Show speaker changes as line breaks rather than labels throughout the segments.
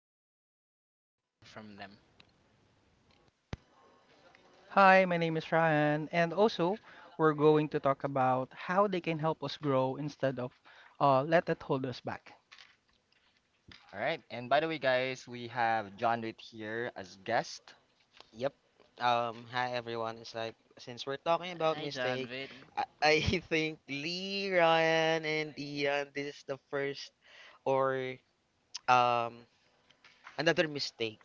will talk about what we can learn from them.
Hi, my name is Ryan, and also we're going to talk about how they can help us grow instead of let it hold us back.
All right, and by the way, guys, we have John Reed here as guest.
Yep. Hi everyone. It's like since we're talking about
Hi, John
mistake,
Vitt.
I think Lee, Ryan, and Ian, this is the first or um another mistake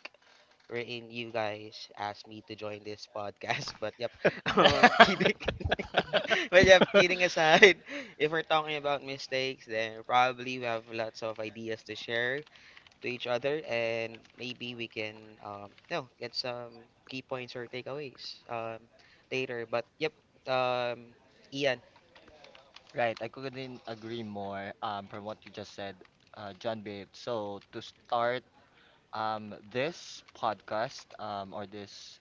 wherein you guys asked me to join this podcast. But yep, kidding. But yep, kidding aside, if we're talking about mistakes, then probably we have lots of ideas to share to each other, and maybe we can get some key points or takeaways later. But yep, um, Ian.
Right, I couldn't agree more from what you just said, John Bate. So, to start this podcast, or this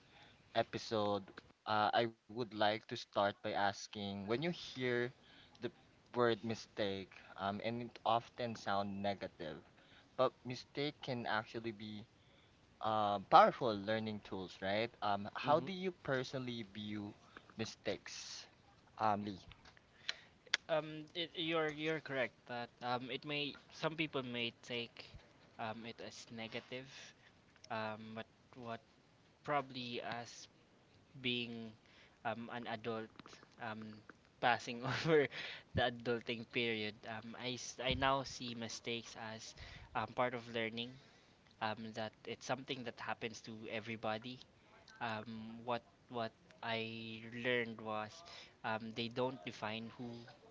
episode, I would like to start by asking, when you hear the word mistake, and it often sound negative, but mistake can actually be powerful learning tools, right? How
Mm-hmm.
do you personally view mistakes, Lee?
You're correct that it may some people may take it as negative, but what probably as being an adult, um, passing over the adulting period. I now see mistakes as part of learning, that it's something that happens to everybody. Um, what, what I learned was they don't define who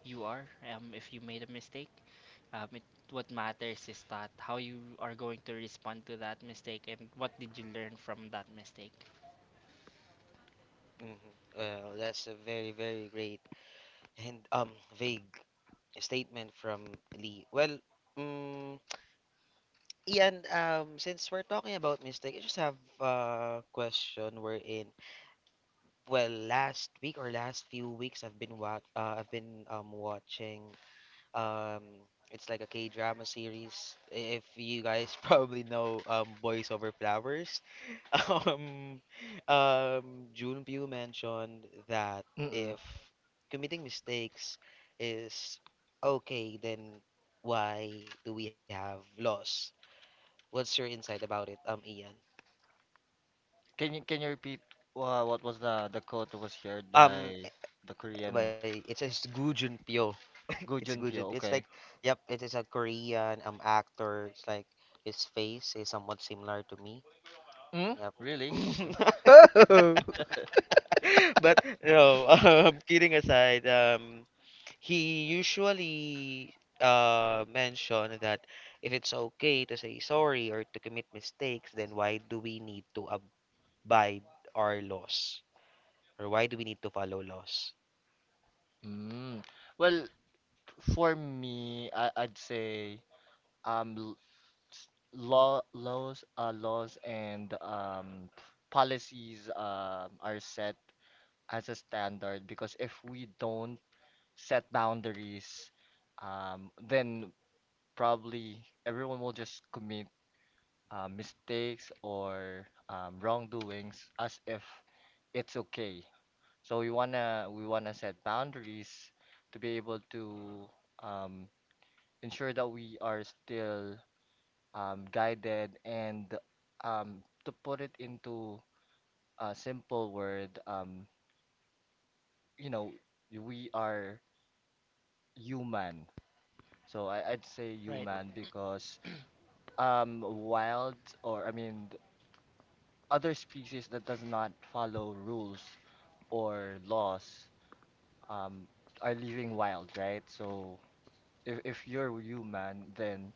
you are if you made a mistake. Um, it, what matters is that how you are going to respond to that mistake and what did you learn from that mistake.
Mm-hmm. Well, that's a very, very great and vague statement from Lee. Well, um, Ian, since we're talking about mistake, I just have a question we're in. Well, last week or last few weeks, I've been watching Um, it's like a K-drama series. If you guys probably know Boys Over Flowers, um, Junpyu mentioned that
Mm-mm.
if committing mistakes is okay, then why do we have laws? What's your insight about it, Ian?
Can you repeat what was the quote that was shared
Um,
by the Korean
by it says Goo Junpyo. It's
Go
Goo
Jun
Junpyo.
Pyo?
It's like,
Okay.
yep, it is a Korean actor. It's like his face is somewhat similar to me.
Mm?
Yep.
Really? Okay.
But no, kidding aside, he usually mentioned that if it's okay to say sorry or to commit mistakes, then why do we need to abide our laws? Or why do we need to follow laws?
Mm. Well, for me, I'd say um l- laws and policies are set as a standard, because if we don't set boundaries, then probably everyone will just commit mistakes or wrongdoings as if it's okay. So we wanna set boundaries to be able to um ensure that we are still guided, and to put it into a simple word, you know, we are human. So I'd say
Right,
Mhm.
human because wild, or other species that does not follow rules or laws um, are living wild, right? So if you're human, then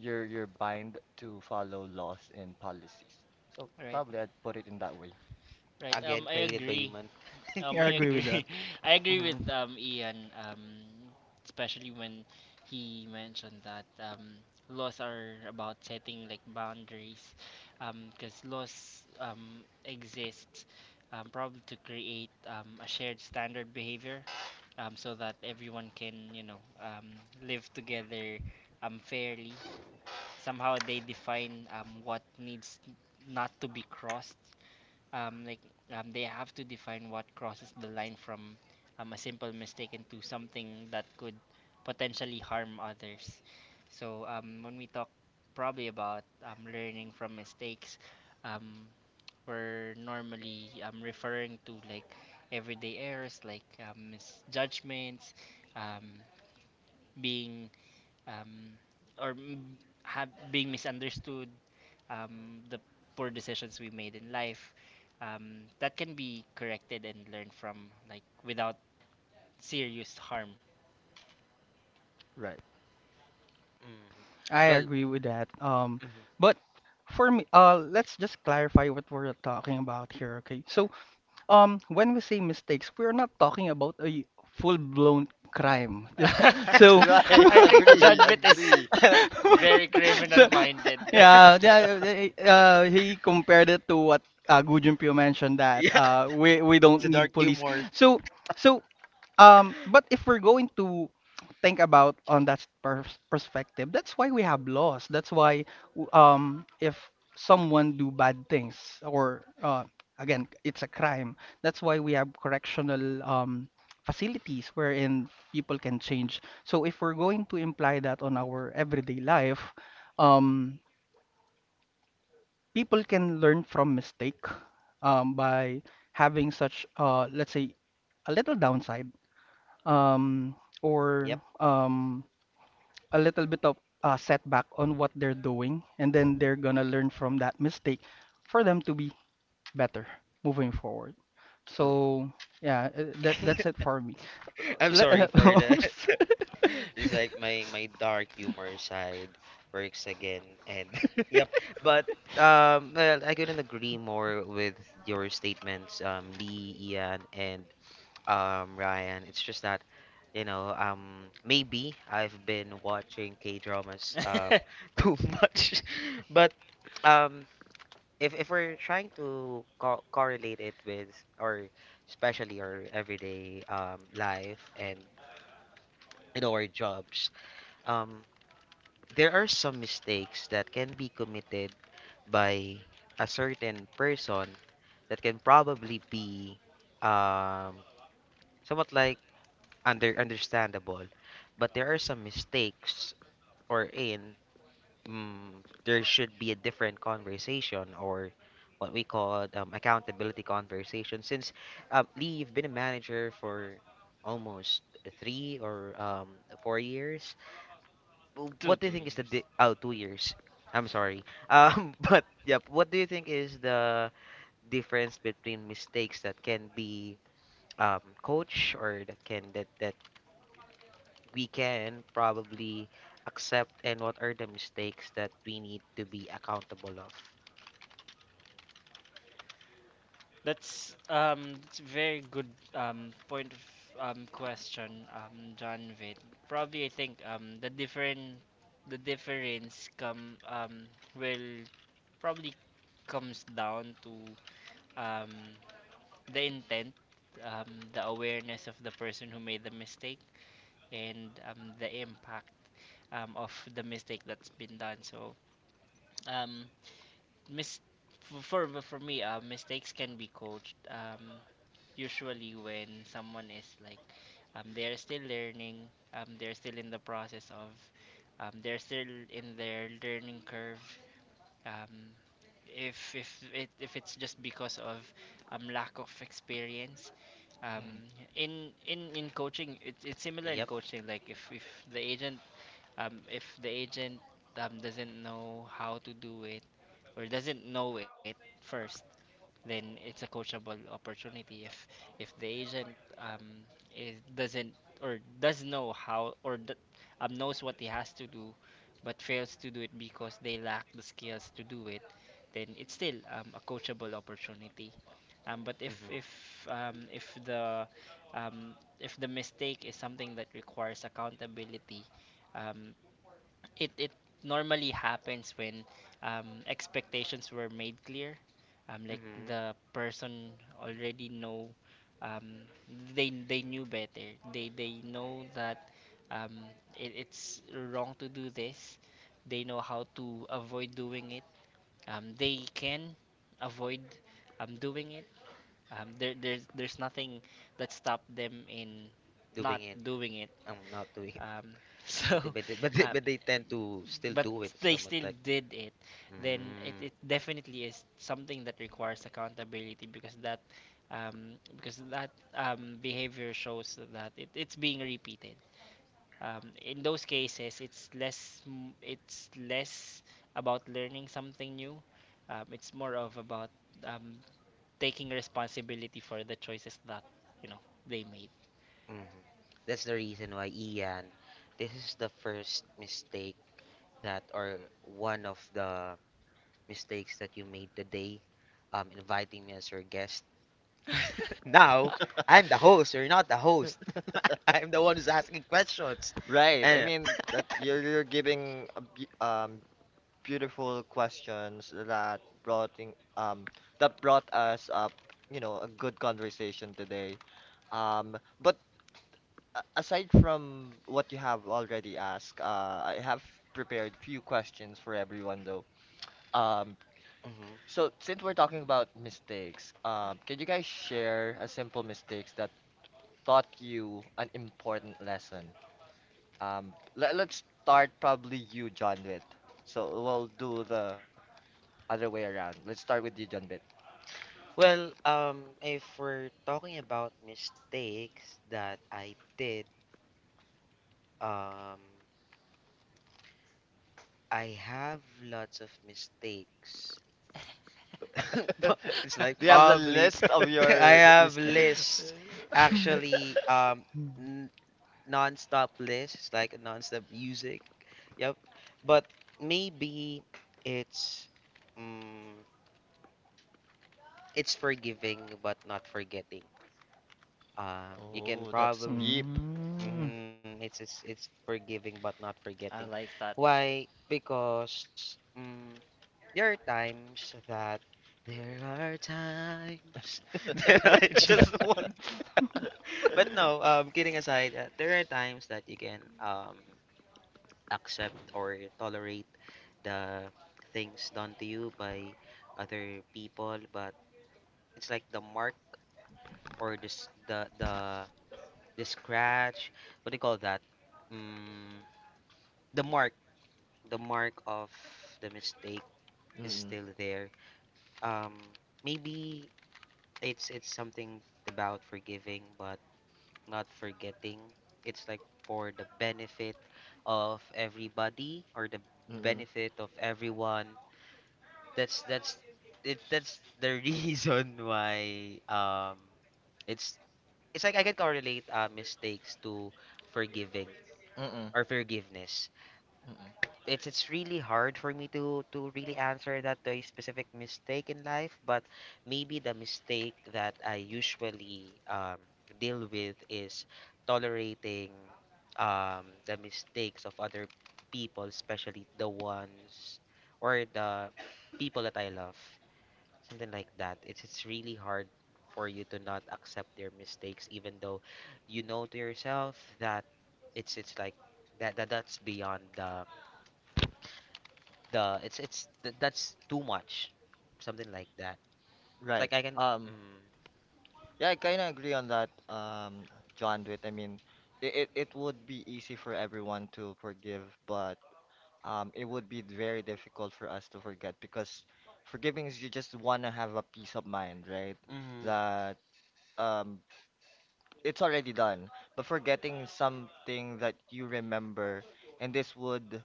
you're bind to follow laws and policies. So
right,
probably I'd put it in that way.
right.
Again,
I
created by
agree.
human.
Yeah, I
I
agree with that.
agree. I agree
Mm-hmm.
with Ian. Especially when he mentioned that laws are about setting like boundaries. Because laws exist probably to create a shared standard behavior. So that everyone can, you know, live together fairly. Somehow they define what needs not to be crossed, um, like they have to define what crosses the line from a simple mistake into something that could potentially harm others. So when we talk probably about learning from mistakes, um, we're normally referring to like everyday errors like misjudgments, um, being um, or m- have being misunderstood, the poor decisions we made in life that can be corrected and learned from like without serious harm.
Right.
Mhm.
I
Well,
agree with that.
mhm.
But for me, let's just clarify what we're talking about here, okay? So when we say mistakes, we're not talking about a full-blown
Huh?
crime. So,
Right.
I think
Agree.
judgment is
Agree.
very criminal
so,
minded.
yeah, yeah, he compared it to what Gujun Pyo mentioned that
Yeah,
we
it's a
don't
dark
need police.
humor.
So so but if we're going to think about on that perspective, that's why we have laws. That's why if someone do bad things or again, it's a crime. That's why we have correctional facilities wherein people can change. So if we're going to imply that on our everyday life, um, people can learn from mistake by having such let's say a little downside um,
Yep.
or a little bit of setback on what they're doing, and
Mm,
then they're gonna learn from that mistake for them to be better moving forward.
true.
So yeah, that's it for me.
I'm sorry
Le-
for that. It's like my dark humor side works again, and yep. But well, I couldn't agree more with your statements, Lee, Ian, and Ryan. It's just that. You know, maybe I've been watching K dramas too much, but um, if we're trying to co correlate it with or especially our everyday life and you know our jobs, um there are some mistakes that can be committed by a certain person that can probably be um somewhat like under understandable, but there are some mistakes or in there should be a different conversation or what we call accountability conversation. Since Lee, you've been a manager for almost three or 4 years.
two
What do you
two
think is the
years
oh 2 years? I'm sorry. But yep. What do you think is the difference between mistakes that can be coach or that we can probably accept and what are the mistakes that we need to be accountable of?
That's a very good point of question, John Vitt. Probably I think the difference come will probably comes down to um, the intent, the awareness of the person who made the mistake, and the impact of the mistake that's been done. So, um, mis- for me, mistakes can be coached. Usually, when someone is like they're still learning, they're still in the process of, they're still in their learning curve, um, if it if it's just because of lack of experience, um,
Mm.
in coaching it, it's similar in
Yep.
coaching like if the agent um, if the agent doesn't know how to do it or doesn't know it first, then it's a coachable opportunity. If the agent um is doesn't or does know how or d- knows what he has to do but fails to do it because they lack the skills to do it, then it's still a coachable opportunity, but
Mhm.
um, if the mistake is something that requires accountability, um, it normally happens when expectations were made clear, like
Mhm.
the person already know, um, they knew better, they know that um, it's wrong to do this. They know how to avoid doing it, they can avoid doing it. There's nothing that stopped them in not
Doing it.
doing it,
I'm not doing it.
um,
But they,
so,
but they, but they,
um,
but they tend to still
but
do it.
they
Somewhat
still
like.
did it. Then it,
Mm.
it definitely is something that requires accountability, because that um, because that behavior shows that it, it's being repeated. In those cases, it's less about learning something new. It's more of about um, taking responsibility for the choices that, you know, they made.
Mhm. That's the reason why Ian. This is the first mistake that, or one of the mistakes that you made today, inviting me as your guest. Now I'm the host. You're not the host. I'm the one who's asking questions,
Right. I
and.
mean that you're giving a be beautiful questions that um that brought us up, you know, a good conversation today. But aside from what you have already asked, I have prepared few questions for everyone though. Um, So since we're talking about mistakes, can you guys share a simple mistakes that taught you an important lesson? Let's start probably you, John Witt. So we'll do the other way around. Let's start with you, John Witt.
Well, if we're talking about mistakes that I did, um, I have lots of mistakes. But it's like
Do you have the
probably
list of
I
your
have
mistakes?
lists, actually, n non-stop lists. It's like a non-stop music. Yep. But maybe it's, um, it's forgiving but not forgetting. You can
Oh, that's
probably
deep.
Mm.
It's forgiving but not
I
forgetting.
like that.
Why? Because there are times that there are times that I just want. But no, kidding aside, there are times that you can accept or tolerate the things done to you by other people, but it's like the mark or this the scratch. What do you call that? Mm, the mark the mark of the mistake is
Mm-mm,
still there. Um, maybe it's something about forgiving but not forgetting. It's like for the benefit of everybody or the
mm-mm,
benefit of everyone. That's that's that's the reason why it's it's like I can correlate mistakes to forgiving
mm-mm,
or forgiveness.
mm-mm.
It's really hard for me to really answer that to a specific mistake in life, but maybe the mistake that I usually deal with is tolerating the mistakes of other people, especially the ones or the people that I love, something like that. It's really hard for you to not accept their mistakes, even though you know to yourself that it's like that, that's beyond the it's that's too much something like that. It's
Right.
like I can
Um,
mm,
yeah, I kind of agree on that, John Dwight. I mean, it would be easy for everyone to forgive, but it would be very difficult for us to forget, because forgiving is you just want to have a peace of mind, right?
mm,
That um, it's already done. But forgetting is something that you remember, and this would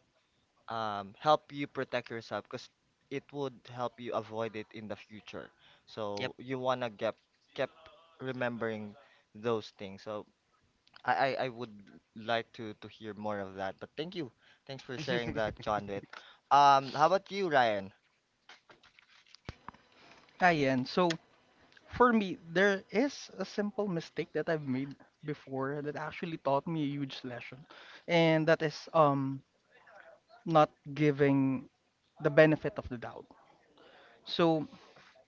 help you protect yourself, because it would help you avoid it in the future.
yep
So you wanna get kept remembering those things. So I, I would like to hear more of that. But thank you. Thanks for sharing that, John With. How about you, Ryan?
Ayan. So for me, there is a simple mistake that I've made before that actually taught me a huge lesson, and that is not giving the benefit of the doubt. So,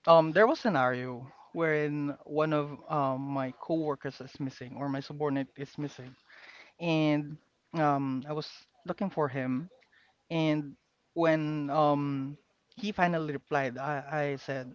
there was a scenario wherein one of my coworkers is missing or my subordinate is missing, and I was looking for him, and when he finally replied, I said,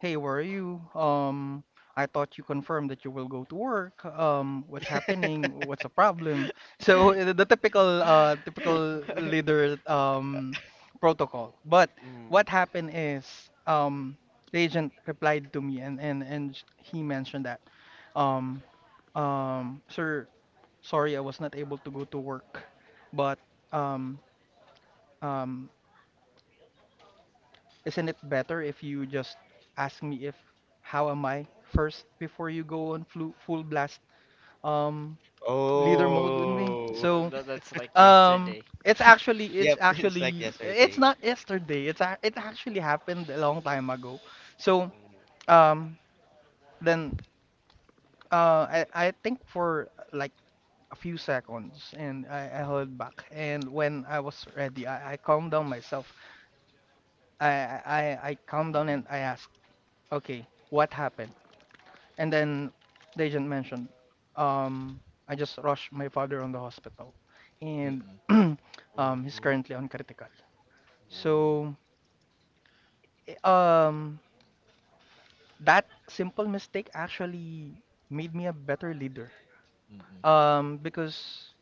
hey, where are you? I thought you confirmed that you will go to work. What's happening? What's the problem? So the typical leader protocol. But what
mm,
happened is um the agent replied to me and he mentioned that um sir, sorry I was not able to go to work, but um um isn't it better if you just ask me if how am I first before you go on flu full blast um leader mode with me?
oh.
Uh,
So
tha- That's like
um
yesterday.
it's actually it's
Yep it's like
actually it's
yesterday.
not yesterday. It actually happened a long time ago. So
mm,
um then I think for like a few seconds and I held back and when I was ready I calmed down myself. I I I I calmed down and
Mm-mm.
I asked, okay, what happened? And then the agent mentioned, um, I just rushed my father on the hospital, and
Mm-mm.
he's
Mm-hmm.
currently on critical.
Ooh.
So, i- um, that simple mistake actually made me a better leader.
Mm-mm.
Because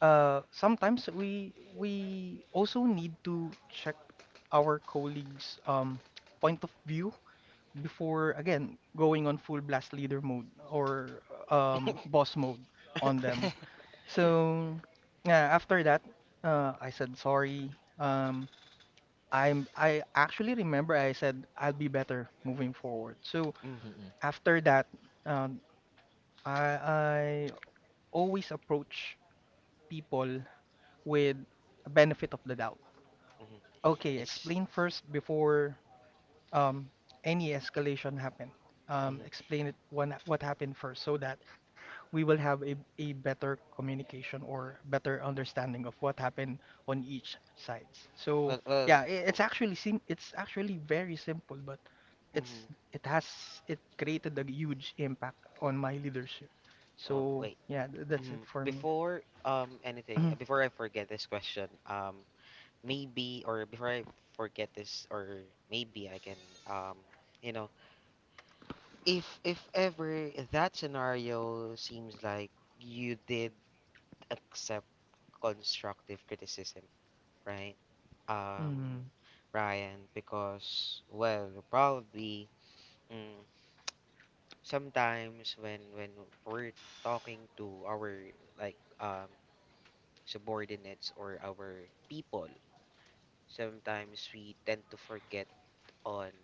sometimes we also need to check our colleagues' point of view before again going on full blast leader mode or boss mode on them. So yeah, after that, I said sorry. Um, I actually remember I said I'll be better moving forward. So
mm,
Mm-mm.
after that, um, I always approach people with a benefit of the doubt.
mm,
Okay,
it's
explain first before um, any escalation happen.
mm,
Explain it when, what happened first so that we will have a better communication or better understanding of what happened on each sides. So
well
yeah,
well
I it's actually sim it's actually very simple, but it's
mm,
it has it created a huge impact on my leadership.
oh
So
wait
yeah, that's it for me.
before I forget this question. Maybe or before I forget this or maybe I can um you know if ever that scenario seems like you did accept constructive criticism, right?
Mm.
Um, Ryan, because well, probably mm, sometimes when we're talking to our like subordinates or our people, sometimes we tend to forget on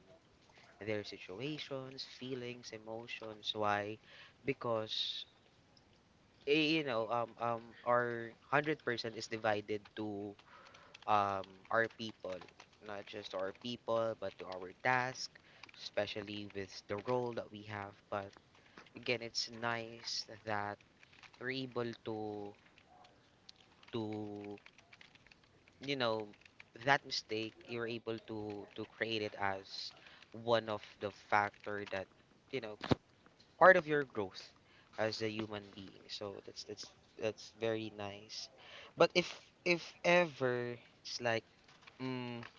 their situations, feelings, emotions. Why? Because you know our 100% is divided to our people, not just our people but to our task, especially with the role that we have. But again, it's nice that you're able to you know that mistake you're able to create it as one of the factor that you know part of your growth as a human being. So that's that's very nice. But if ever it's like Mm,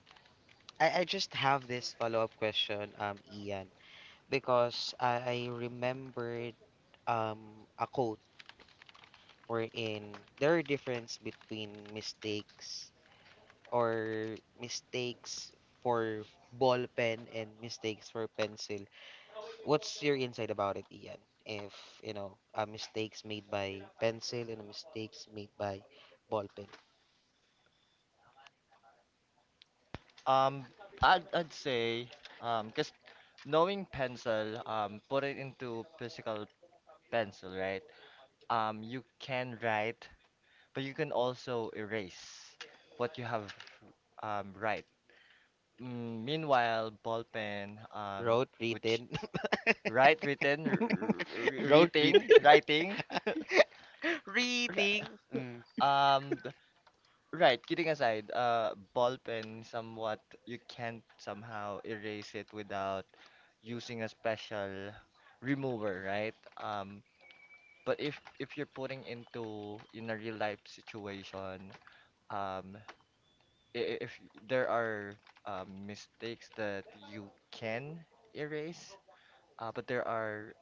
I just have this follow-up question, Ian, because I remembered a quote wherein there are difference between mistakes or mistakes for ball pen and mistakes for pencil. What's your insight about it, Ian? If, you know, mistakes made by pencil and mistakes made by ball pen.
Um, I'd say, because knowing pencil, put it into physical pencil, right? You can write, but you can also erase what you have right. Mm, meanwhile, ballpen,
Wrote,
which
written,
right written,
wrote,
reading,
written,
writing, ri-
reading. Mm.
um, th- right. Kidding aside, ballpen somewhat you can't somehow erase it without using a special remover, right? But if you're putting into in a real life situation. Um, if there are mistakes that you can erase, but there are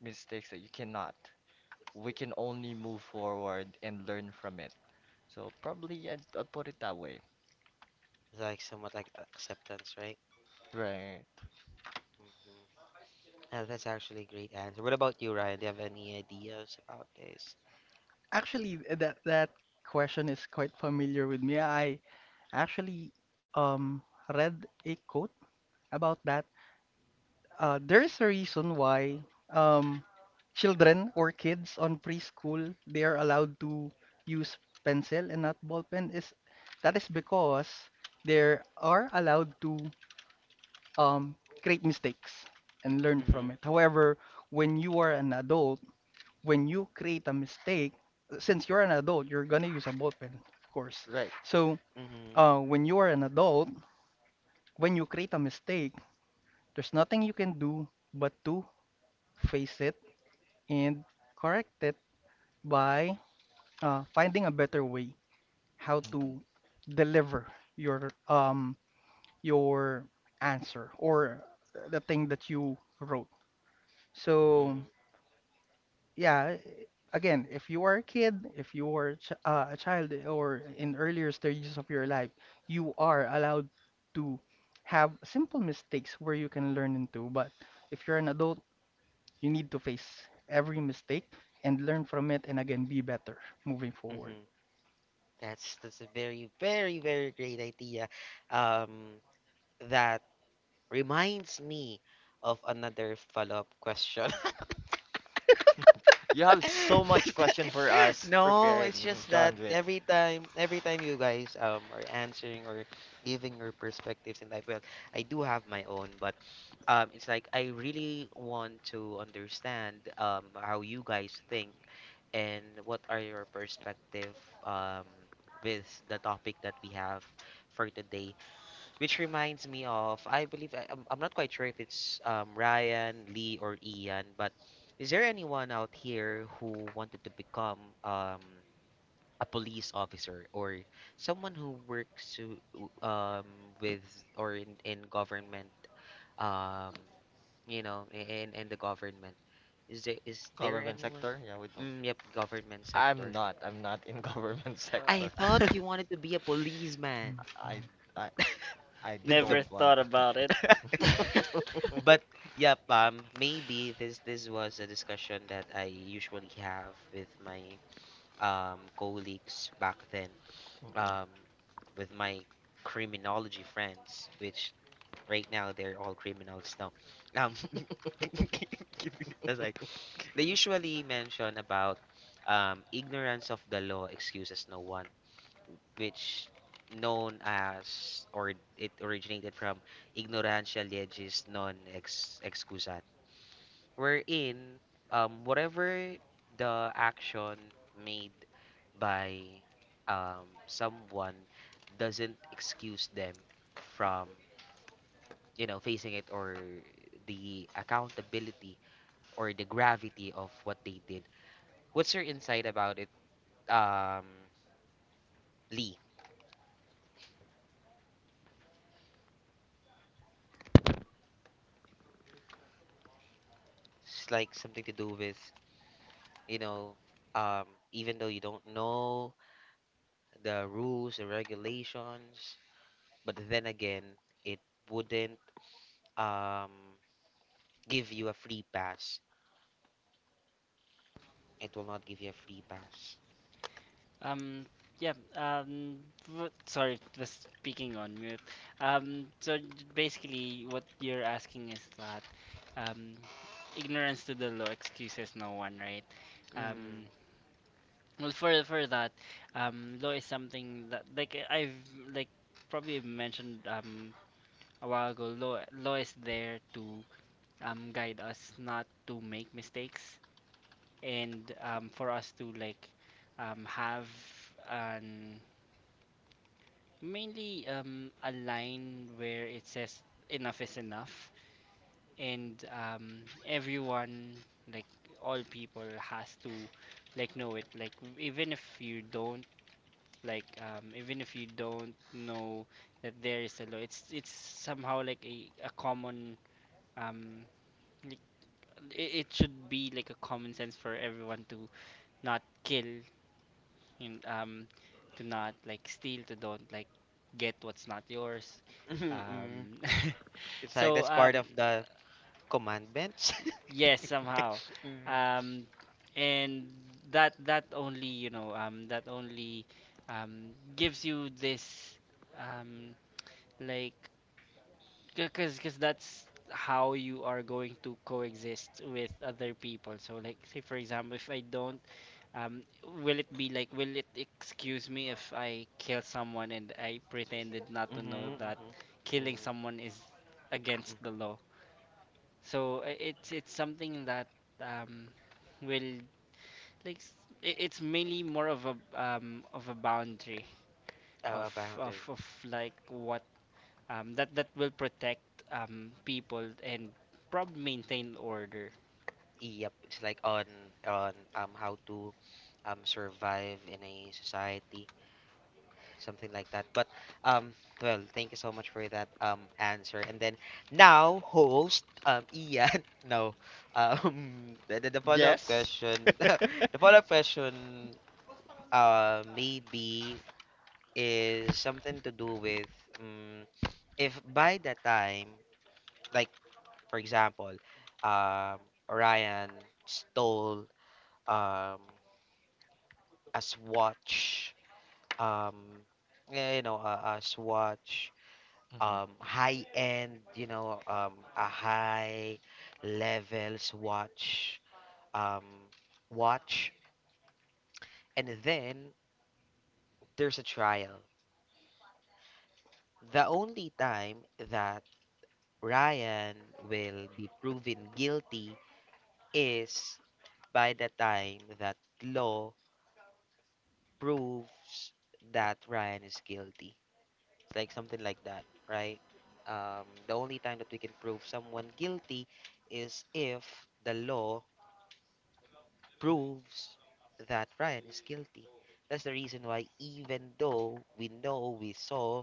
mistakes that you cannot. We can only move forward and learn from it. So probably I'd put it that way.
It's like somewhat like acceptance, right?
Right.
Mm-hmm. That's actually a great answer. What about you, Ryan? Do you have any ideas about this?
Actually, that that question is quite familiar with me. I actually um, read a quote about that. There is a reason why um, children or kids on preschool they are allowed to use pencil and not ball pen is that is because they are allowed to um, create mistakes and learn
Mm-hmm.
from it. However, when you are an adult, when you create a mistake, since you're an adult, you're gonna use a ball pen, of course.
Right.
So
Mm-hmm.
when you are an adult, when you create a mistake, there's nothing you can do but to face it and correct it by finding a better way how
Mm-mm.
to deliver your um your answer or the thing that you wrote. So
Mm-hmm.
yeah, again, if you are a kid, if you are ch a child or in earlier stages of your life, you are allowed to have simple mistakes where you can learn into, but if you're an adult, you need to face every mistake and learn from it and again be better moving forward.
Mm-hmm. That's a very, very, very great idea. Um, that reminds me of another follow-up question.
You have so much question
That's-
for us
no,
prepared,
it's
mm,
just that
John, with
every time you guys are answering or giving your perspectives in life, well, I do have my own, but it's like I really want to understand how you guys think and what are your perspective um with the topic that we have for today. Which reminds me of, I believe, I'm not quite sure if it's Ryan, Lee, or Ian, but is there anyone out here who wanted to become a police officer or someone who works to, with or in government, um, you know, in the government? Is there
government
anyone?
sector. Yeah, we don't.
Yep, government
I'm
sector.
not. I'm not in government sector.
I thought
Uh,
you wanted to be a policeman
I I I
with the
Never
don't want
thought
to.
about it.
But yep, maybe this this was a discussion that I usually have with my colleagues back then,
Mm-mm.
um, with my criminology friends, which right now they're all criminals now. Um, that's like they usually mention about ignorance of the law excuses no one, which known as or it originated from ignorantia legis non ex excusat wherein whatever the action made by someone doesn't excuse them from you know facing it or the accountability or the gravity of what they did. What's your insight about it, um Lee? It's like something to do with you know um even though you don't know the rules, the regulations, but then again, it wouldn't um give you a free pass. It will not give you a free pass.
Um, yeah, sorry, was speaking on mute. So basically, what you're asking is that, um, ignorance to the law excuses no one, right?
Mm.
Um, Well, for that, law is something that like I've like probably mentioned a while ago. Law is there to guide us not to make mistakes and for us to like have an mainly a line where it says enough is enough, and everyone, like all people, has to like know it. Like even if you don't, even if you don't know that there is a law, it's somehow like a common um like, it, it should be like a common sense for everyone to not kill and to not like steal, to don't like get what's not yours.
Mhm, mm.
um
It's like
so
that's part of the commandments.
yes, somehow.
mm.
um and that that only, you know, that only gives you this um like because that's how you are going to coexist with other people. So like, say for example, if I don't, um will it be like, will it excuse me if I kill someone and I pretended not to
Mm-hmm,
know that
mm-hmm,
killing someone is
mm.
against the law? So it's something that um will like s- it's mainly more of a boundary of
A
of,
boundary.
of like what, that that will protect people and probably maintain order.
Yep, it's like on how to survive in a society, something like that. But um, well, thank you so much for that answer. And then now, host Ian. No, the follow-up
Yes.
question, the follow-up question, maybe is something to do with if by the time, like for example, um, Ryan stole um a swatch, um, yeah, you know, a swatch high end you know a high levels watch um watch, and then there's a trial. The only time that Ryan will be proven guilty is by the time that law proves that Ryan is guilty. It's like something like that, right? The only time that we can prove someone guilty is if the law proves that Ryan is guilty. That's the reason why, even though we know we saw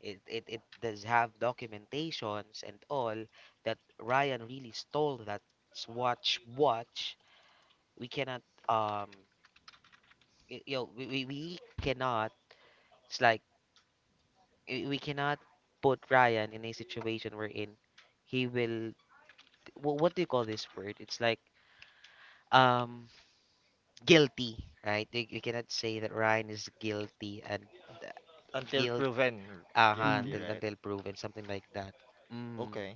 it, it does have documentations and all that Ryan really stole that Swatch watch, we cannot, um, you know, we cannot, it's like, we cannot put Ryan in a situation wherein he will, what do you call this word? It's like, um, guilty, right? You cannot say that Ryan is guilty and
Until
guilt
proven
uh
guilty,
Mm.
right?
until proven something like that. Mm.
Okay.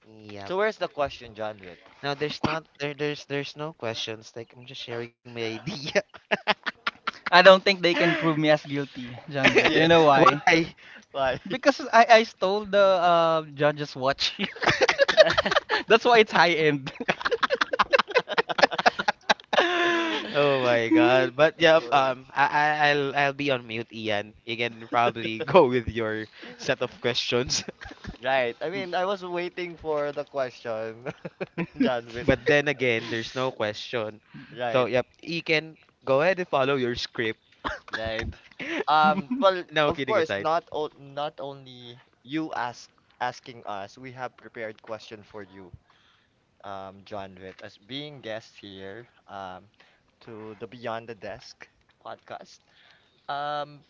Yep.
So where's the question, John Witt?
Now there's not there there's no questions, like I'm just sharing my idea.
I don't think they can prove me as guilty, John Witt. Do you
Yes.
know why?
Why?
Why?
Because I stole the judge's watch.
Right.
That's why it's high end.
Oh my god. But yep,
Okay.
I'll be on mute, Ian. You can probably go with your set of questions.
Right. I mean, I was waiting for the question, John Witt.
But then again, there's no question, so
Right.
yep, you can go ahead and follow your script.
Right. Well,
No
of
kidding
course,
aside.
not only you asking us, we have prepared question for you, John Witt, as being guest here, to the Beyond the Desk podcast. Um,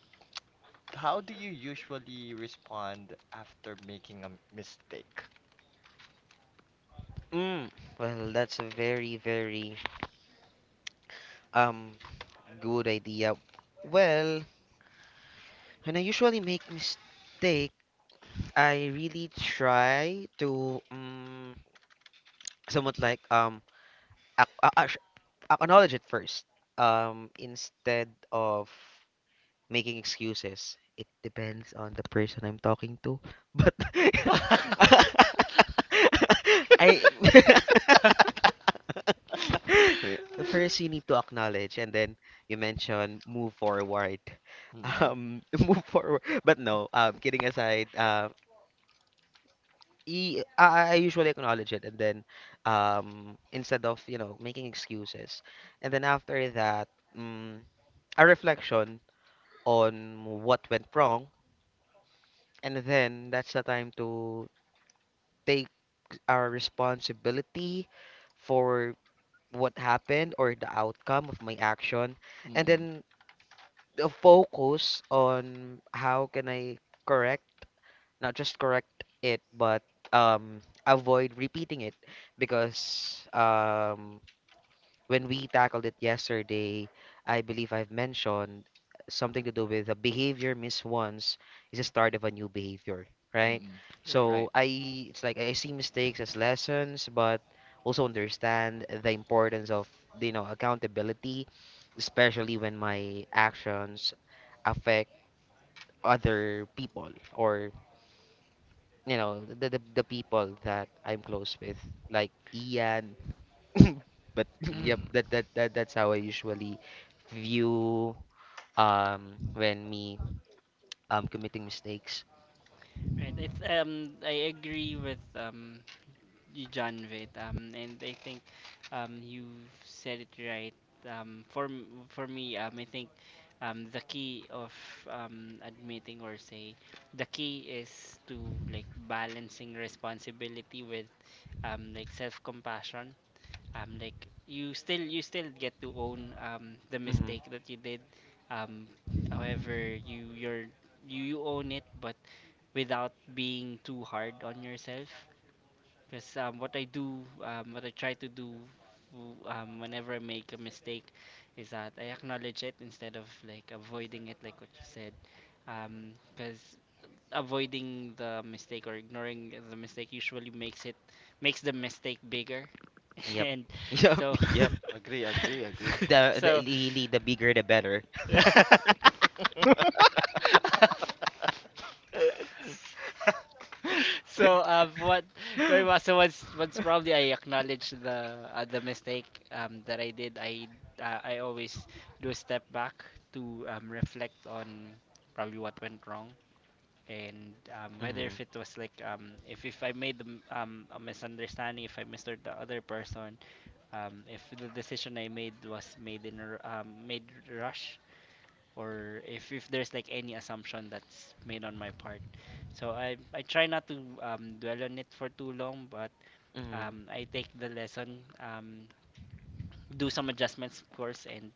how do you usually respond after making a mistake?
Well, that's a very um good idea. Well, when I usually make mistake, I really try to somewhat like ac- a- a- acknowledge it first, instead of making excuses. It depends on the person I'm talking to, but I first, you need to acknowledge, and then you mention move forward.
Mm-mm,
Move forward. But no, kidding aside, I usually acknowledge it, and then instead of making excuses, and then after that, um, a reflection on what went wrong, and then that's the time to take our responsibility for what happened or the outcome of my action, and
mm-mm,
then the focus on how can I correct, not just correct it, but avoid repeating it. Because when we tackled it yesterday, I believe I've mentioned something to do with a behavior missed once is a start of a new behavior, right?
mm-mm.
So
Right.
I it's like I see mistakes as lessons, but also understand the importance of accountability, especially when my actions affect other people or the people that I'm close with, like Ian. But yep,
Mm.
Mm-mm.
that's how I usually view when me committing mistakes.
Right. I agree with John Vitt. And I think, you've said it right. For me, I think the key of admitting or say the key is to like balancing responsibility with like self compassion. Like you still, get to own the
Hmm.
mistake that you did. Um, However, you, you own it, but without being too hard on yourself. Because what I do, what I try to do whenever I make a mistake, is that I acknowledge it instead of like avoiding it, like what you said. Because avoiding the mistake or ignoring the mistake usually makes the mistake bigger.
Yep,
And
yep,
so,
yep.
Agree, agree, agree.
The
so
really the bigger the better.
so so once once probably I acknowledge the mistake that I did. I always do a step back to reflect on probably what went wrong and whether
Mm-hmm.
if it was like, if I made a misunderstanding, if I misheard the other person, if the decision I made was made in made rush, or if there's like any assumption that's made on my part. So I try not to dwell on it for too long, but I
Mm-hmm.
take the lesson, do some adjustments, of course, and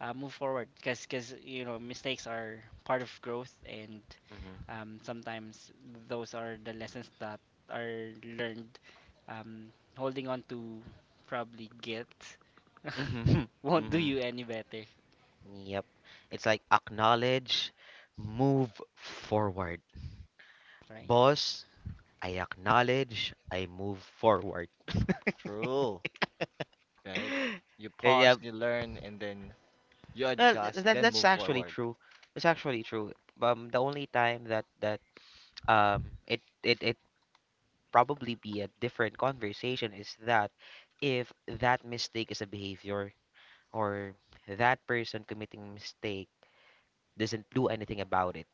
move forward. Cause cause you know, mistakes are part of growth, and
Mm-hmm.
sometimes those are the lessons that are learned. Um, Holding on to probably guilt
Mm-hmm.
won't do
Mm-hmm.
you any better,
Yep. It's like acknowledge, move forward.
right?
Boss, I acknowledge, I move forward.
True, right? You
Eh,
pause,
yeah.
you learn, and then you
Well, th-
adjust,
that
then
that's
move
actually
forward.
true. That's actually true. The only time that it probably be a different conversation is that if that mistake is a behavior, or that person committing mistake doesn't do anything about it.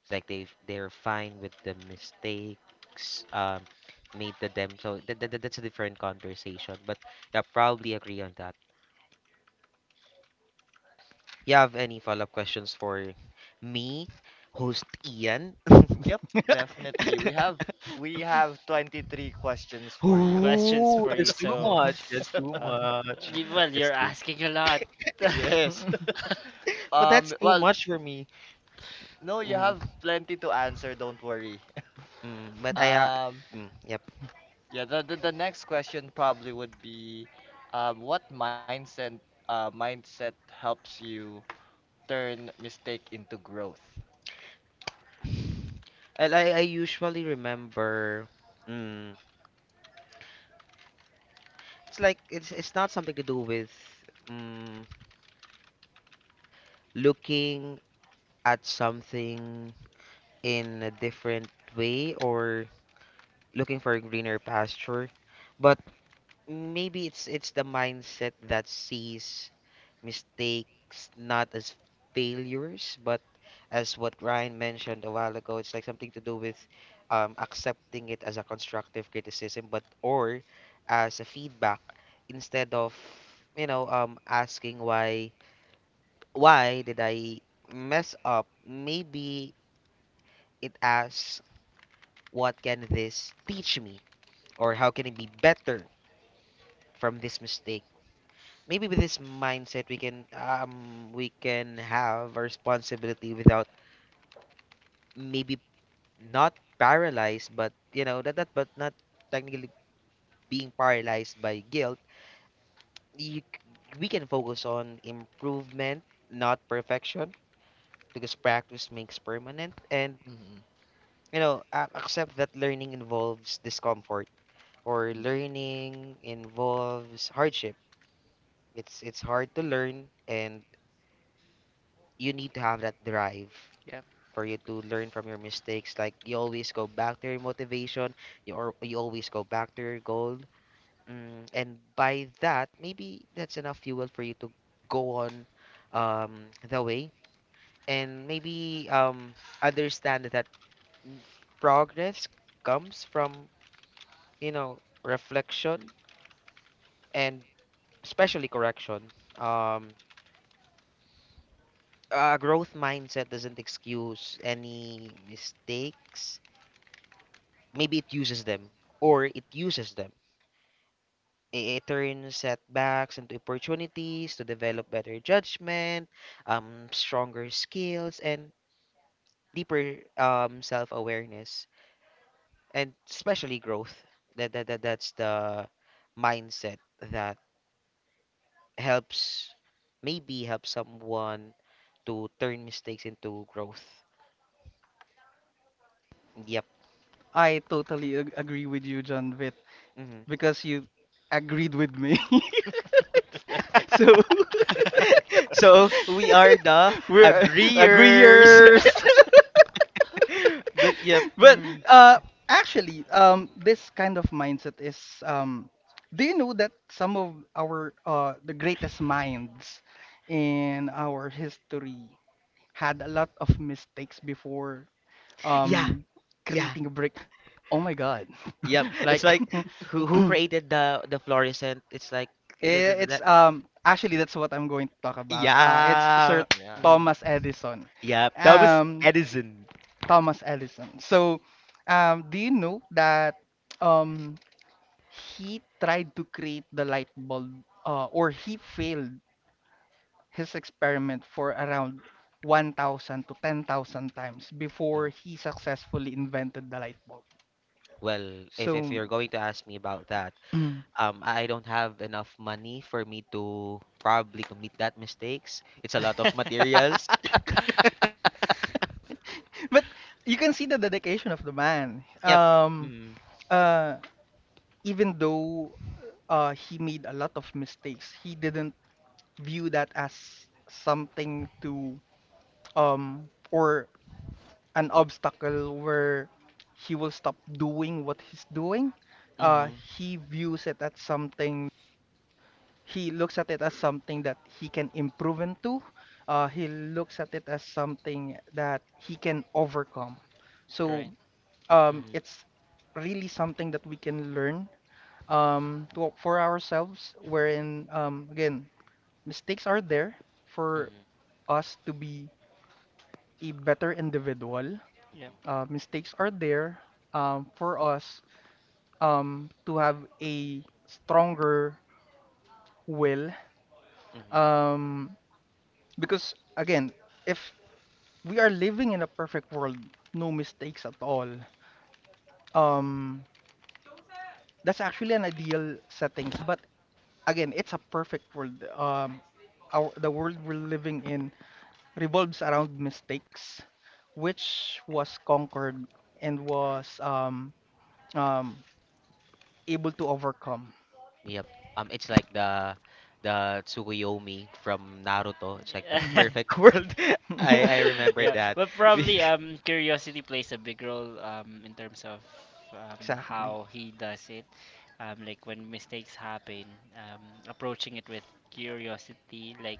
It's like they're fine with the mistakes made to them. So that's a different conversation. But yeah, probably agree on that. You have any follow-up questions for me, host Ian?
Yep, definitely. We have 23 questions for you.
Questions
Ooh,
for you.
that's too
So,
much. That's too
uh,
much.
well,
That's
you're
too.
asking a lot.
Yes.
But that's too
Well,
much for me.
no, you
Mm,
have plenty to answer, don't worry.
mm, but I,
Um,
mm, yep.
yeah, the next question probably would be, what mindset helps you turn mistake into growth?
Well, I usually remember, mm, it's like it's not something to do with mm, looking at something in a different way or looking for a greener pasture, but maybe it's the mindset that sees mistakes not as failures, but as what Ryan mentioned a while ago. It's like something to do with accepting it as a constructive criticism, but or as a feedback instead of asking why did I mess up? Maybe it asks what can this teach me or how can it be better from this mistake? Maybe with this mindset, we can have a responsibility without maybe not paralyzed, but you know that but not technically being paralyzed by guilt. you, c- we can focus on improvement, not perfection, because practice makes permanent. And
Mm,
accept that learning involves discomfort, or
mm,
learning involves hardship. It's hard to learn, and you need to have that drive
Yeah.
for you to learn from your mistakes. Like you always go back to your motivation, you or you always go back to your goal. Mm, and by that, maybe that's enough fuel for you to go on the way. And maybe understand that mm, progress comes from you know reflection and especially correction. Um, a growth mindset doesn't excuse any mistakes, maybe it uses them, or it uses them. It turns setbacks into opportunities to develop better judgment, stronger skills, and deeper self-awareness, and especially growth. That's the mindset that helps, maybe help someone to turn mistakes into growth. Yep.
I totally agree with you, John Vitt.
Hmm.
Because you agreed with me. So
So we are the
we're
agreeers.
agreeers.
But yep.
But
Mm.
actually, this kind of mindset is do you know that some of our the greatest minds in our history had a lot of mistakes before
Yeah.
um,
Yeah,
creating a break? Oh my God!
yep. It's
Like
like who created the fluorescent? It's like
It's
that.
actually that's what I'm going to talk about. It's Sir
Yeah,
yeah.
Thomas
mm,
Edison.
yeah. Thomas
Um,
Edison.
Thomas Edison. So, do you know that um he tried to create the light bulb or he failed his experiment for around 1,000 to 10,000 times before
Mm,
he successfully invented the light bulb.
well,
So,
if you're going to ask me about that, I don't have enough money for me to probably commit that mistakes. It's a lot of materials.
but you can see the dedication of the man.
Yep. Mm,
Uh, even though he made a lot of mistakes, he didn't view that as something to or an obstacle where he will stop doing what he's doing. Uh,
mm,
he views it as something. He looks at it as something that he can improve into. He looks at it as something that he can overcome. So
Right.
mm,
it's really something that we can learn for ourselves wherein again mistakes are there for
mm,
us to be a better individual.
Yeah.
Mistakes are there for us to have a stronger will
mm, mm.
um because again if we are living in a perfect world no mistakes at all, um that's actually an ideal settings, but again it's a perfect world. Our the world we're living in revolves around mistakes, which was conquered and was um, able to overcome.
Yep. It's like the Tsukuyomi from Naruto. It's like the
Hmm.
perfect world. I remember
Yeah,
that.
but probably curiosity plays a big role in terms of how
Exactly.
he does it. Like when mistakes happen, um approaching it with curiosity, like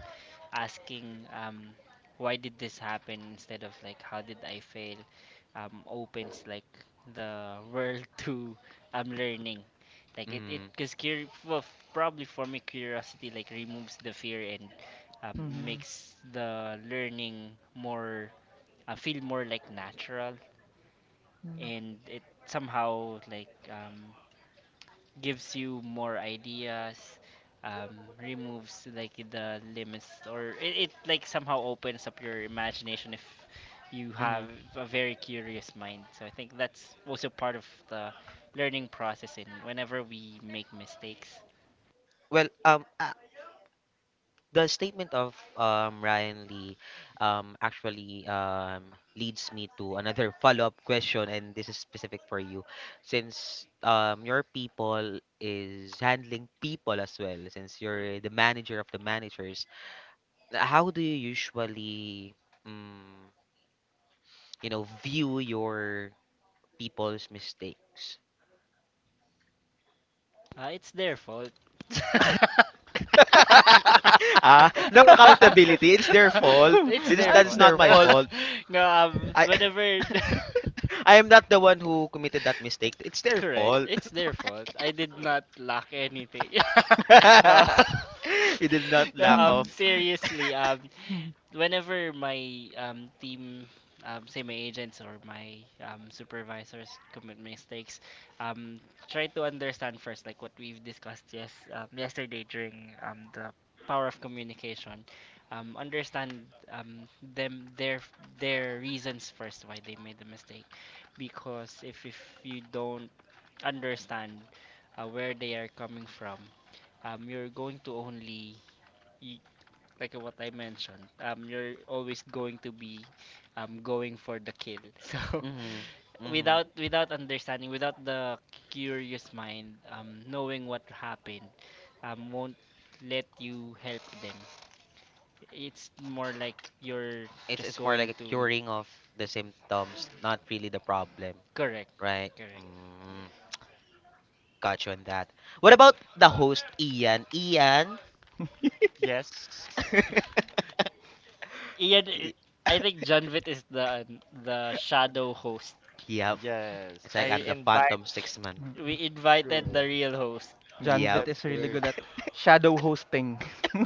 asking why did this happen instead of like how did I fail, opens like the world to learning. Like, it
Mm,
cuz cur- well, f- probably for me curiosity like removes the fear and
Hmm.
makes the learning more, feel more like natural, and it somehow like gives you more ideas, um, removes like the limits, or it like somehow opens up your imagination if you have
mm.
a very curious mind. So I think that's also part of the learning process and whenever we make mistakes.
Well, the statement of Ryan Lee, actually leads me to another follow-up question, and this is specific for you, since your people is handling people as well, since you're the manager of the managers. How do you usually? Mm, you know, view your people's mistakes.
It's their fault.
Ah, no accountability. It's their fault.
It's
This is
their
Ah,
that
it's
is
fault.
not
their
my
fault.
fault.
No,
I
whenever.
I am not the one who committed that mistake. It's their
Correct.
fault.
It's their fault. I did not lack anything. No.
You did not
No,
lack of.
seriously, whenever my, team, say my agents or my, supervisors commit mistakes, um, try to understand first, like what we've discussed yesterday during, the power of communication. Understand um, them their reasons first why they made the mistake, because if you don't understand where they are coming from, you're going to only you, like what I mentioned, you're always going to be going for the kill. So
Mhm. Mhm.
without without understanding, without the curious mind, knowing what happened, won't let you help them. It's more like you're just
It's more
going
like a
to.
curing of the symptoms, not really the problem,
correct,
right?
correct.
Mm, got you on that. What about the host Ian? Ian?
Yes.
Ian, i-
Y-
I think Janvit is the shadow host.
Yep.
Yes.
It's like I'm
I
the
invite
phantom six man.
We invited the
you.
real host.
John
Yeah,
Vitt
That's
is really
very
good at
true.
shadow hosting.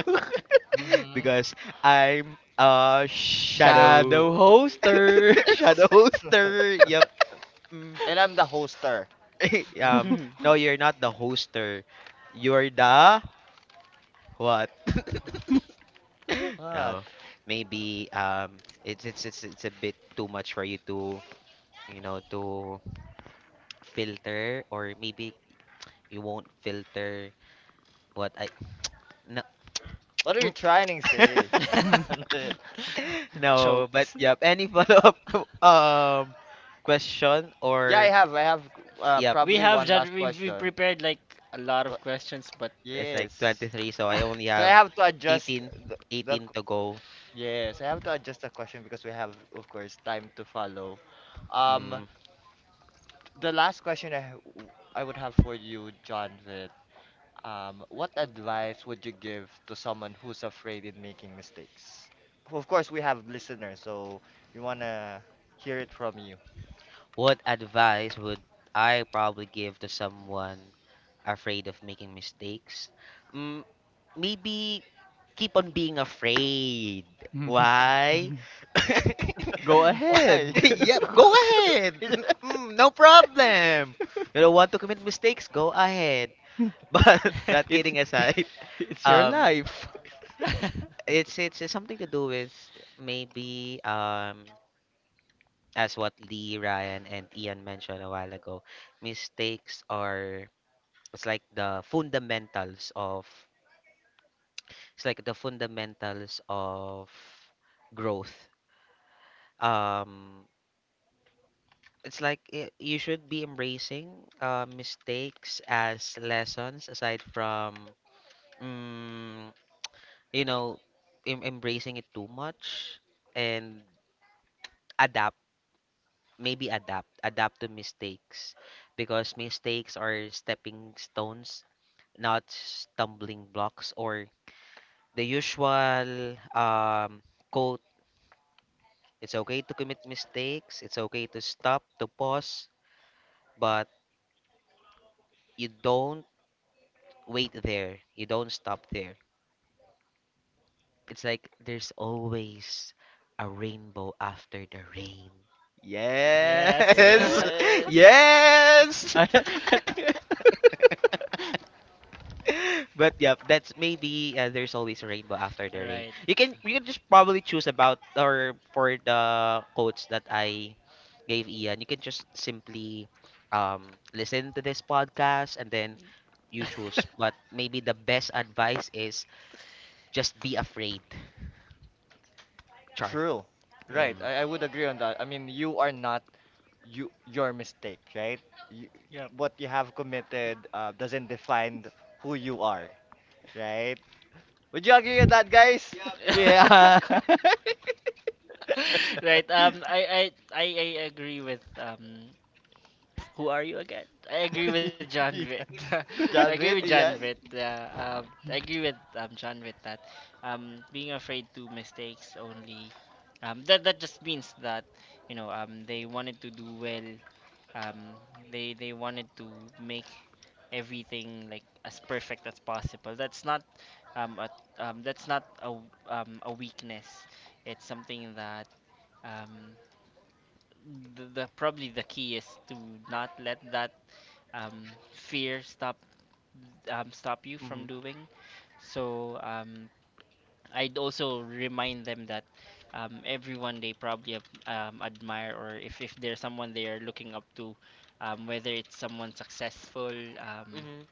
Mm-hmm.
because I'm a shadow
Shadow hosters.
shadow hoster. Yep. Mm.
And I'm the hoster.
Um. No, you're not the hoster. You're the what? No.
What?
Maybe. It's a bit too much for you to to filter, or maybe you won't filter what I no
What are you trying to say? John Lit?
no. But
Choked.
yep, any follow up um question
Yeah, I
or
have. I have
yep.
We
probably
have
one
done.
last
We
question.
prepared like a lot of
Tw-
questions, but
It's like
Yes.
23, so I only
So I
have
have to adjust
18,
the, the
18 to go.
yes, I have to adjust the question, because we have, of course, time to follow. Um,
Mm,
the last question I would have for you, John, with what advice would you give to someone who's afraid in making mistakes? Of course, we have listeners, so we wanna hear it from you.
what advice would I probably give to someone afraid of making mistakes? Mm, maybe keep on being afraid. Why?
Go
Why?
ahead.
Yep, go ahead. Mm, no problem. You don't want to commit mistakes? Go ahead. But that
It's
kidding aside,
it's your
um,
life.
it's something to do with maybe as what Lee, Ryan, and Ian mentioned a while ago. Mistakes are it's like the fundamentals of it's like the fundamentals of growth. Um, it's like I you should be embracing mistakes as lessons aside from mm, you know embracing it too much, and maybe adapt to mistakes because mistakes are stepping stones, not stumbling blocks. Or the usual quote: it's okay to commit mistakes, it's okay to stop, to pause, but you don't wait there you don't stop there. It's like there's always a rainbow after the rain.
yes.
Yes.
Yes.
Yes.
I, I think.
But yeah, that's maybe there's always a rainbow after the rain.
right.
You can just probably choose about, or for the quotes that I gave Ian, you can just simply listen to this podcast and then you choose. But maybe the best advice is just be afraid. Char.
True.
right.
Right.
Mm-hmm.
I would agree on that. I mean, you are not you your mistake, right? You,
Yep.
what you have committed doesn't define who you are, right? Would you agree on that, guys?
Yeah.
right. I agree with um. Who are you again? I agree with John Vitt.
Yeah.
I agree
John
with
Witt,
John Vitt.
Ian.
Yeah, I agree with John Vitt that being afraid to mistakes only that that just means that, you know, they wanted to do well. Um, they wanted to make everything like as perfect as possible. That's not um, a, that's not a weakness. It's something that, um, the probably the key is to not let that, fear stop stop you from
Mhm.
doing. So I'd also remind them that everyone they probably admire, or if there's someone they are looking up to, whether it's someone successful, um,
Mm-hmm.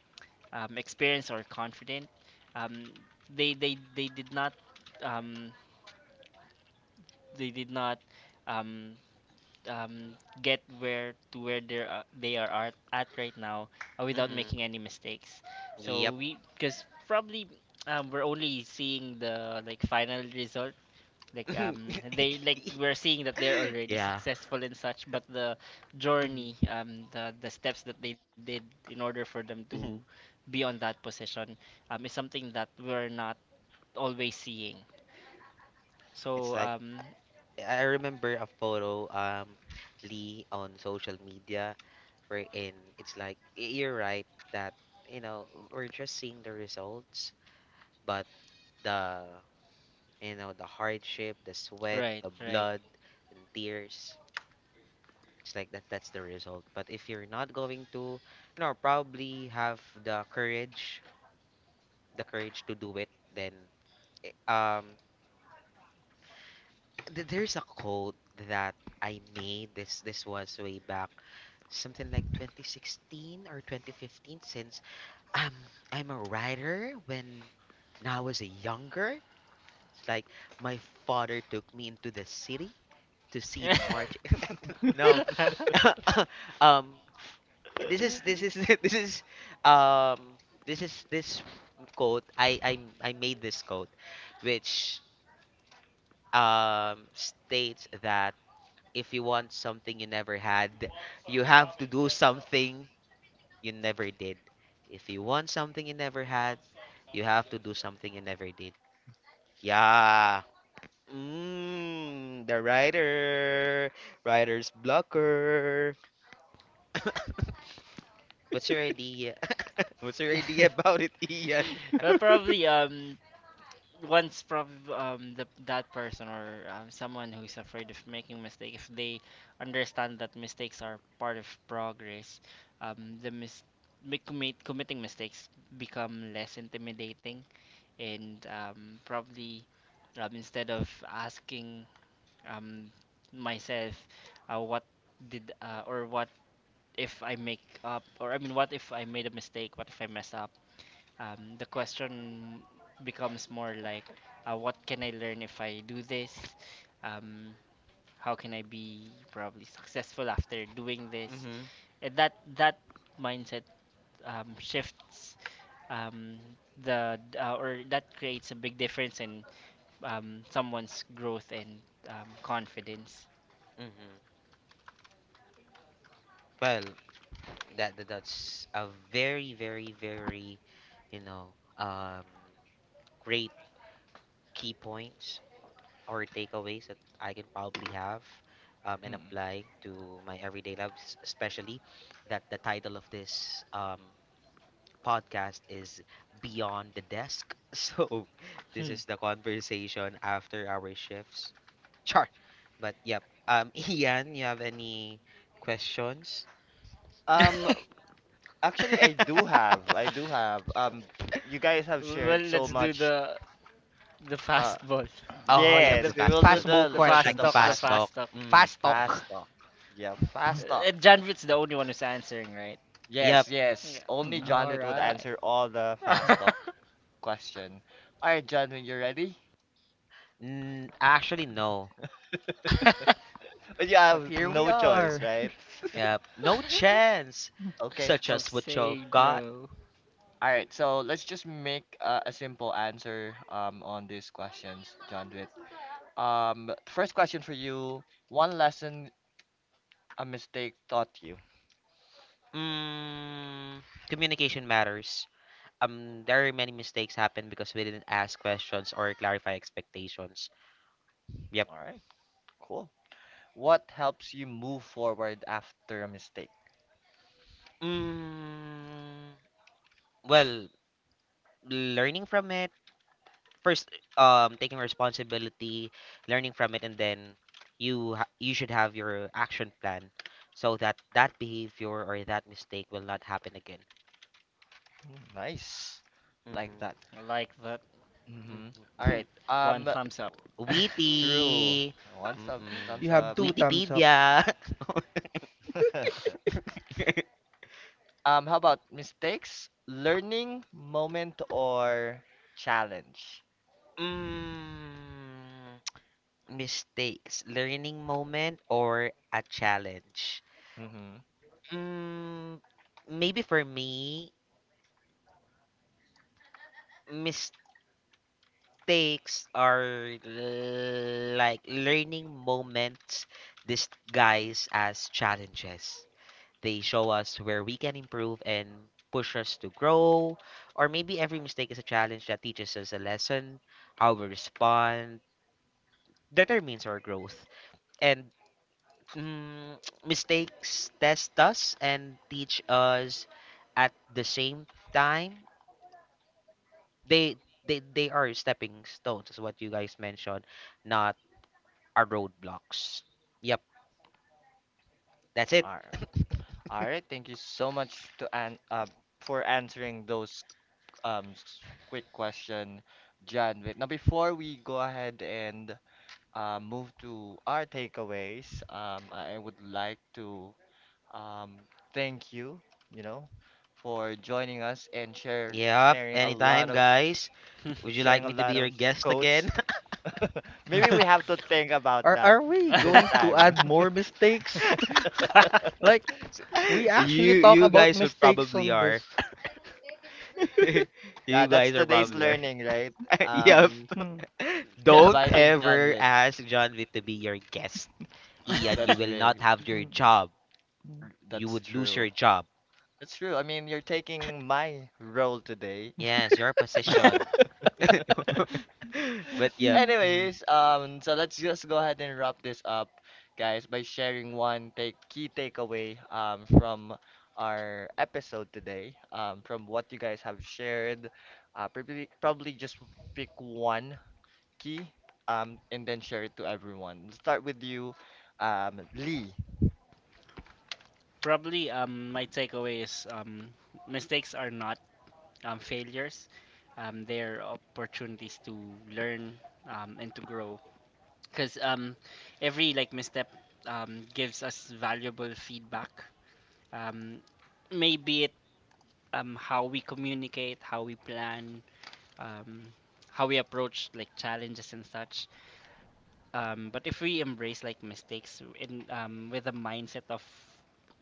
experienced, or confident, um, they did not um, they did not um, get where they're they are at right now, without
Mm-hmm.
making any mistakes.
Yep.
So we, because probably, we're only seeing the like final result. Like they like we're seeing that they're already
Yeah.
successful and such, but the
Mhm,
journey, the steps that they did in order for them to
mhm.
be on that position, is something that we're not always seeing.
It's
So
like I remember a photo Lee on social media, wherein it's like y- you're right that you know we're just seeing the results, but the you know the hardship, the sweat, the
right.
blood and tears. It's like that's the result. But if you're not going to you know probably have the courage, the courage to do it then eh, there's a quote that I made. This was way back, something like 2016 or 2015, since um, I'm a writer when I was younger. It's like my father took me into the city to see the march. No, um, this is this is um this quote. I made this quote, which states that if you want something you never had, you have to do something you never did. If you want something you never had, you have to do something you never did. Yeah. Mm, the writer, writer's blocker. What's your idea? What's your idea about it, Ian?
Well, probably once probably the, that person or someone who's afraid of making mistake, if they understand that mistakes are part of progress, the mis- mi- commit committing mistakes become less intimidating, and probably instead of asking um myself, what did or what if I make up, or I mean, what if I made a mistake, what if I mess up, the question becomes more like, what can I learn if I do this? Um, how can I be probably successful after doing this?
Mm-hmm.
And that that mindset shifts um, the or that creates a big difference in someone's growth and confidence.
Mm-hmm. Well, that that's a very you know, great key points or takeaways that I can probably have and
Mm.
apply to my everyday lives, especially that the title of this podcast is Beyond the Desk. So, this
Hmm.
is the conversation after our shifts. Char. But yep. Ian, you have any questions?
Um, actually, I do have. I do have. You guys have
Well,
shared so
let's do
much.
the
Uh,
fastball.
Oh,
I mean,
yep,
yes,
the
we
fast
will
was
do
the thing.
Fastball
the
the the,
It's like
fast
the
the
talk, the
fast
fast
questions.
talk.
fast talk.
Mm,
Fast
hmm.
fast
talk.
talk. Yeah, fast talk.
Janvit's the only one who's answering, right?
Yes,
Yep.
yes.
Yeah.
Only John
Mm.
would answer
Alright.
all the fast talk question. All right, John, when you're ready,
Mm, actually, no.
but you
But
have
here we
no choice,
are.
right?
Yep. No chance.
Okay.
Such
of
as what you've
saying
got.
no.
All right. So let's just make a simple answer on these questions, John Dwight. First question for you: one lesson a mistake taught you.
Mm, communication matters. There are many mistakes happen because we didn't ask questions or clarify expectations. Yep.
All right. Cool. What helps you move forward after a mistake?
Mm, well, learning from it first, taking responsibility, learning from it, and then you should have your action plan so that that behavior or that mistake will not happen again.
Hmm, nice. Like
Mm-hmm.
that.
I like that.
Mm-hmm. All
Mm-hmm.
right.
One thumbs up.
True.
Witty.
One sub
Mm-mm.
thumbs
You have
up.
two thumbs up.
Wikipedia.
How about mistakes, learning moment, or challenge?
Mm, mistakes, learning moment, or a challenge.
Mm-hmm.
Mm, maybe for me, mistakes are like learning moments disguised as challenges. They show us where we can improve and push us to grow. Or maybe every mistake is a challenge that teaches us a lesson. How we respond determines our growth. And mm, mistakes test us and teach us at the same time. They they they are stepping stones, is what you guys mentioned, not our roadblocks. Yep, that's it.
All right. All right. Thank you so much to an for answering those quick question, John. Wait, now before we go ahead and move to our takeaways, I would like to um thank you, you know, for joining us and share
Yep,
sharing a
anytime,
lot of
guys. Would you like
sharing a
me to be
lot
your
of
guest
quotes.
again?
Maybe we have to think about
Are
that
are we
this
going to
time.
add more mistakes? Like,
S-
we
since-
actually
you
talk
you
about
guys will
mistakes
probably
on this.
are
yeah,
you
that's
guys are
today's
probably are.
learning, right?
Yep,
Um,
Hmm,
Yep.
don't
inviting John
ever
with,
ask John Vic to be your guest. Ian, you
that's
will not
very,
have your
hmm,
job.
hmm.
You
that's
would lose
true.
your job.
That's true. I mean, you're taking my role today.
Yes, your position. But yep.
Hmm.
Anyways, so let's just go ahead and wrap this up, guys, by sharing one take key takeaway from our episode today. From what you guys have shared, probably just pick one key and then share it to everyone. We'll start with you, Lee.
Probably my takeaway is mistakes are not failures. They're opportunities to learn and to grow, because every like misstep gives us valuable feedback. Um, maybe it how we communicate, how we plan, um, how we approach like challenges and such. But if we embrace like mistakes in, with a mindset of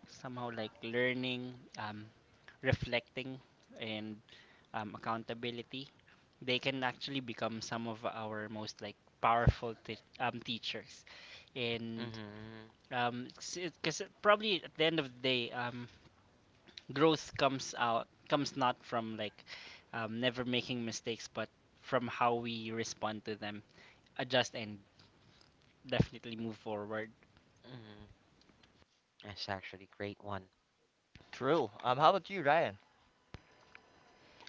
somehow like learning, um, reflecting, and accountability, they can actually become some of our most like powerful teachers. And
Hmm.
Um, because probably at the end of the day, growth comes out comes not from like never making mistakes, but from how we respond to them, adjust and definitely move forward.
Mm, that's actually great one.
True. How about you, Ryan?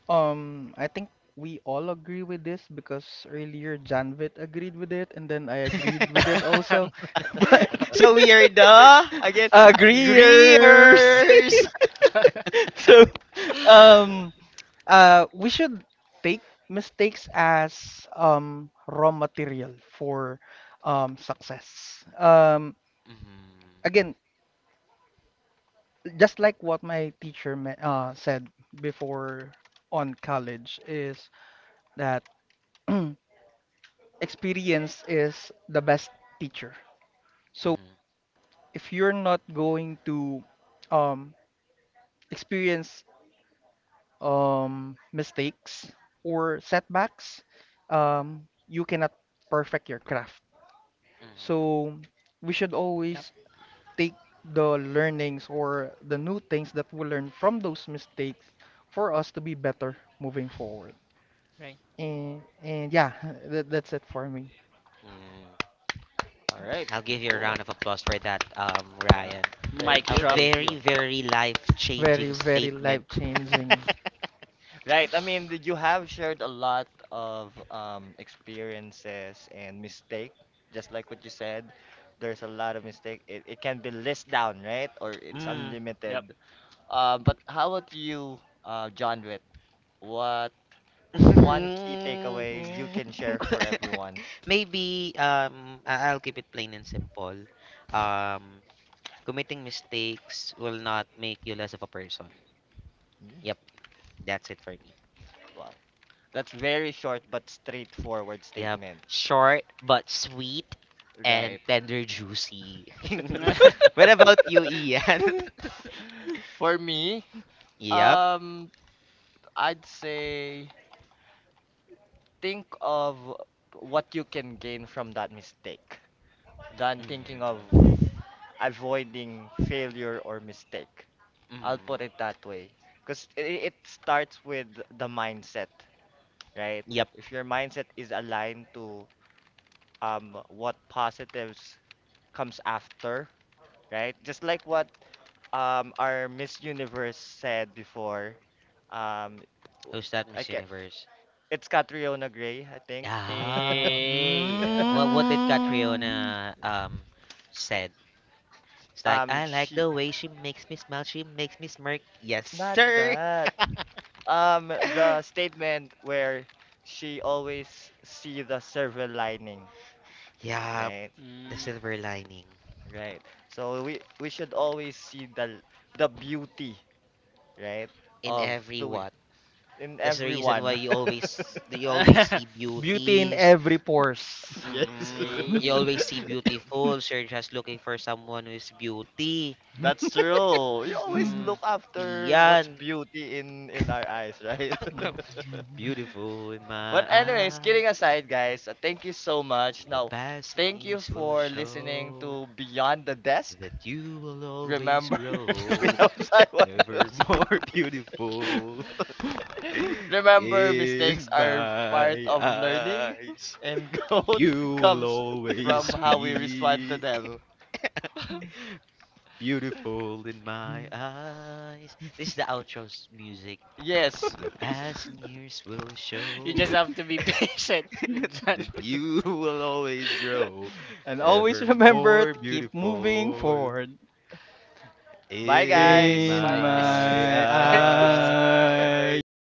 I think we all agree with this because earlier Janvit agreed with it, and then I agreed with it
Yep,
also. But
So we are the again
Agree.
agreeers.
agreeers.
So, um, we should take mistakes as raw material for success.
Mhm,
Again, just like what my teacher said before on college is that experience is the best teacher. So
mhm,
if you're not going to um, experience mistakes or setbacks, you cannot perfect your craft.
mhm,
So we should always take the learnings or the new things that we learn from those mistakes for us to be better moving forward.
right.
And yeah, that's it for me.
mhm.
All right.
I'll give you a
Cool.
round of applause for that,
Uh,
Ryan.
Mic
thank
A
you.
drop.
Thank you.
very, very
Very,
life-changing
very
statement.
life-changing.
Right. I mean, did you have shared a lot of experiences and mistake, just like what you said. There's a lot of mistake. It can be list down, right? Or it's
Mm.
Yep.
unlimited. But how about you, John Witt? What one key takeaway you
Mm.
can share for everyone?
Maybe I'll keep it plain and simple. Um, committing mistakes will not make you less of a person.
Mm,
Yep, that's it for me.
wow. That's very short but straightforward
Yep.
statement.
Short but sweet and
Right.
tender juicy. What about you, Ian?
For me,
Yep.
um, I'd say, think of what you can gain from that mistake than
Mm,
thinking of avoiding failure or mistake. I'll
mm.
put it that way. Because it starts with the mindset, right?
Yep.
If your mindset is aligned to what positives comes after, right? Just like what our Miss Universe said before, um,
Who's that
I
Miss
get
Universe?
it's Catriona Gray, I think.
Yeah.
Hey.
What did
Mm.
Catriona said? It's like I like
She—
the way she makes me smile, she makes me smirk. Yes,
not
sir.
that. The statement where she always see the silver lining,
Yep.
right?
The
Mm.
silver lining.
Right. So we should always see the beauty, right,
In
of
every
doing
what?
in
That's the reason why
everyone.
you always see
Beauty in
beauty.
every pores.
Yes,
Mm, you
Hey.
always see beautiful, so you're just looking for someone who is beauty.
that's true. You always
Mm,
look after
iyan.
what's beauty in our eyes, right?
Beautiful in my
But anyways, kidding
eyes,
aside, guys, thank you so much.
and the
Now,
passing
thank you
years will
for listening
show
to Beyond the Desk.
that you will always
Remember,
grow
without Taiwan,
ever more
Music.
beautiful
Remember, mistakes
in
are part
my
of learning,
eyes.
and growth
You will
comes from
always
how we respond to
be
them.
beautiful in my eyes. This is the outro's music. And
Yes.
the passing years will
You just
show
have to be patient with John.
that you will always grow
And always
ever
remember
more
to keep moving
beautiful
forward.
Bye,
in
guys.
In
Bye, guys.
my
my
Thanks.
eye,
eyes.
you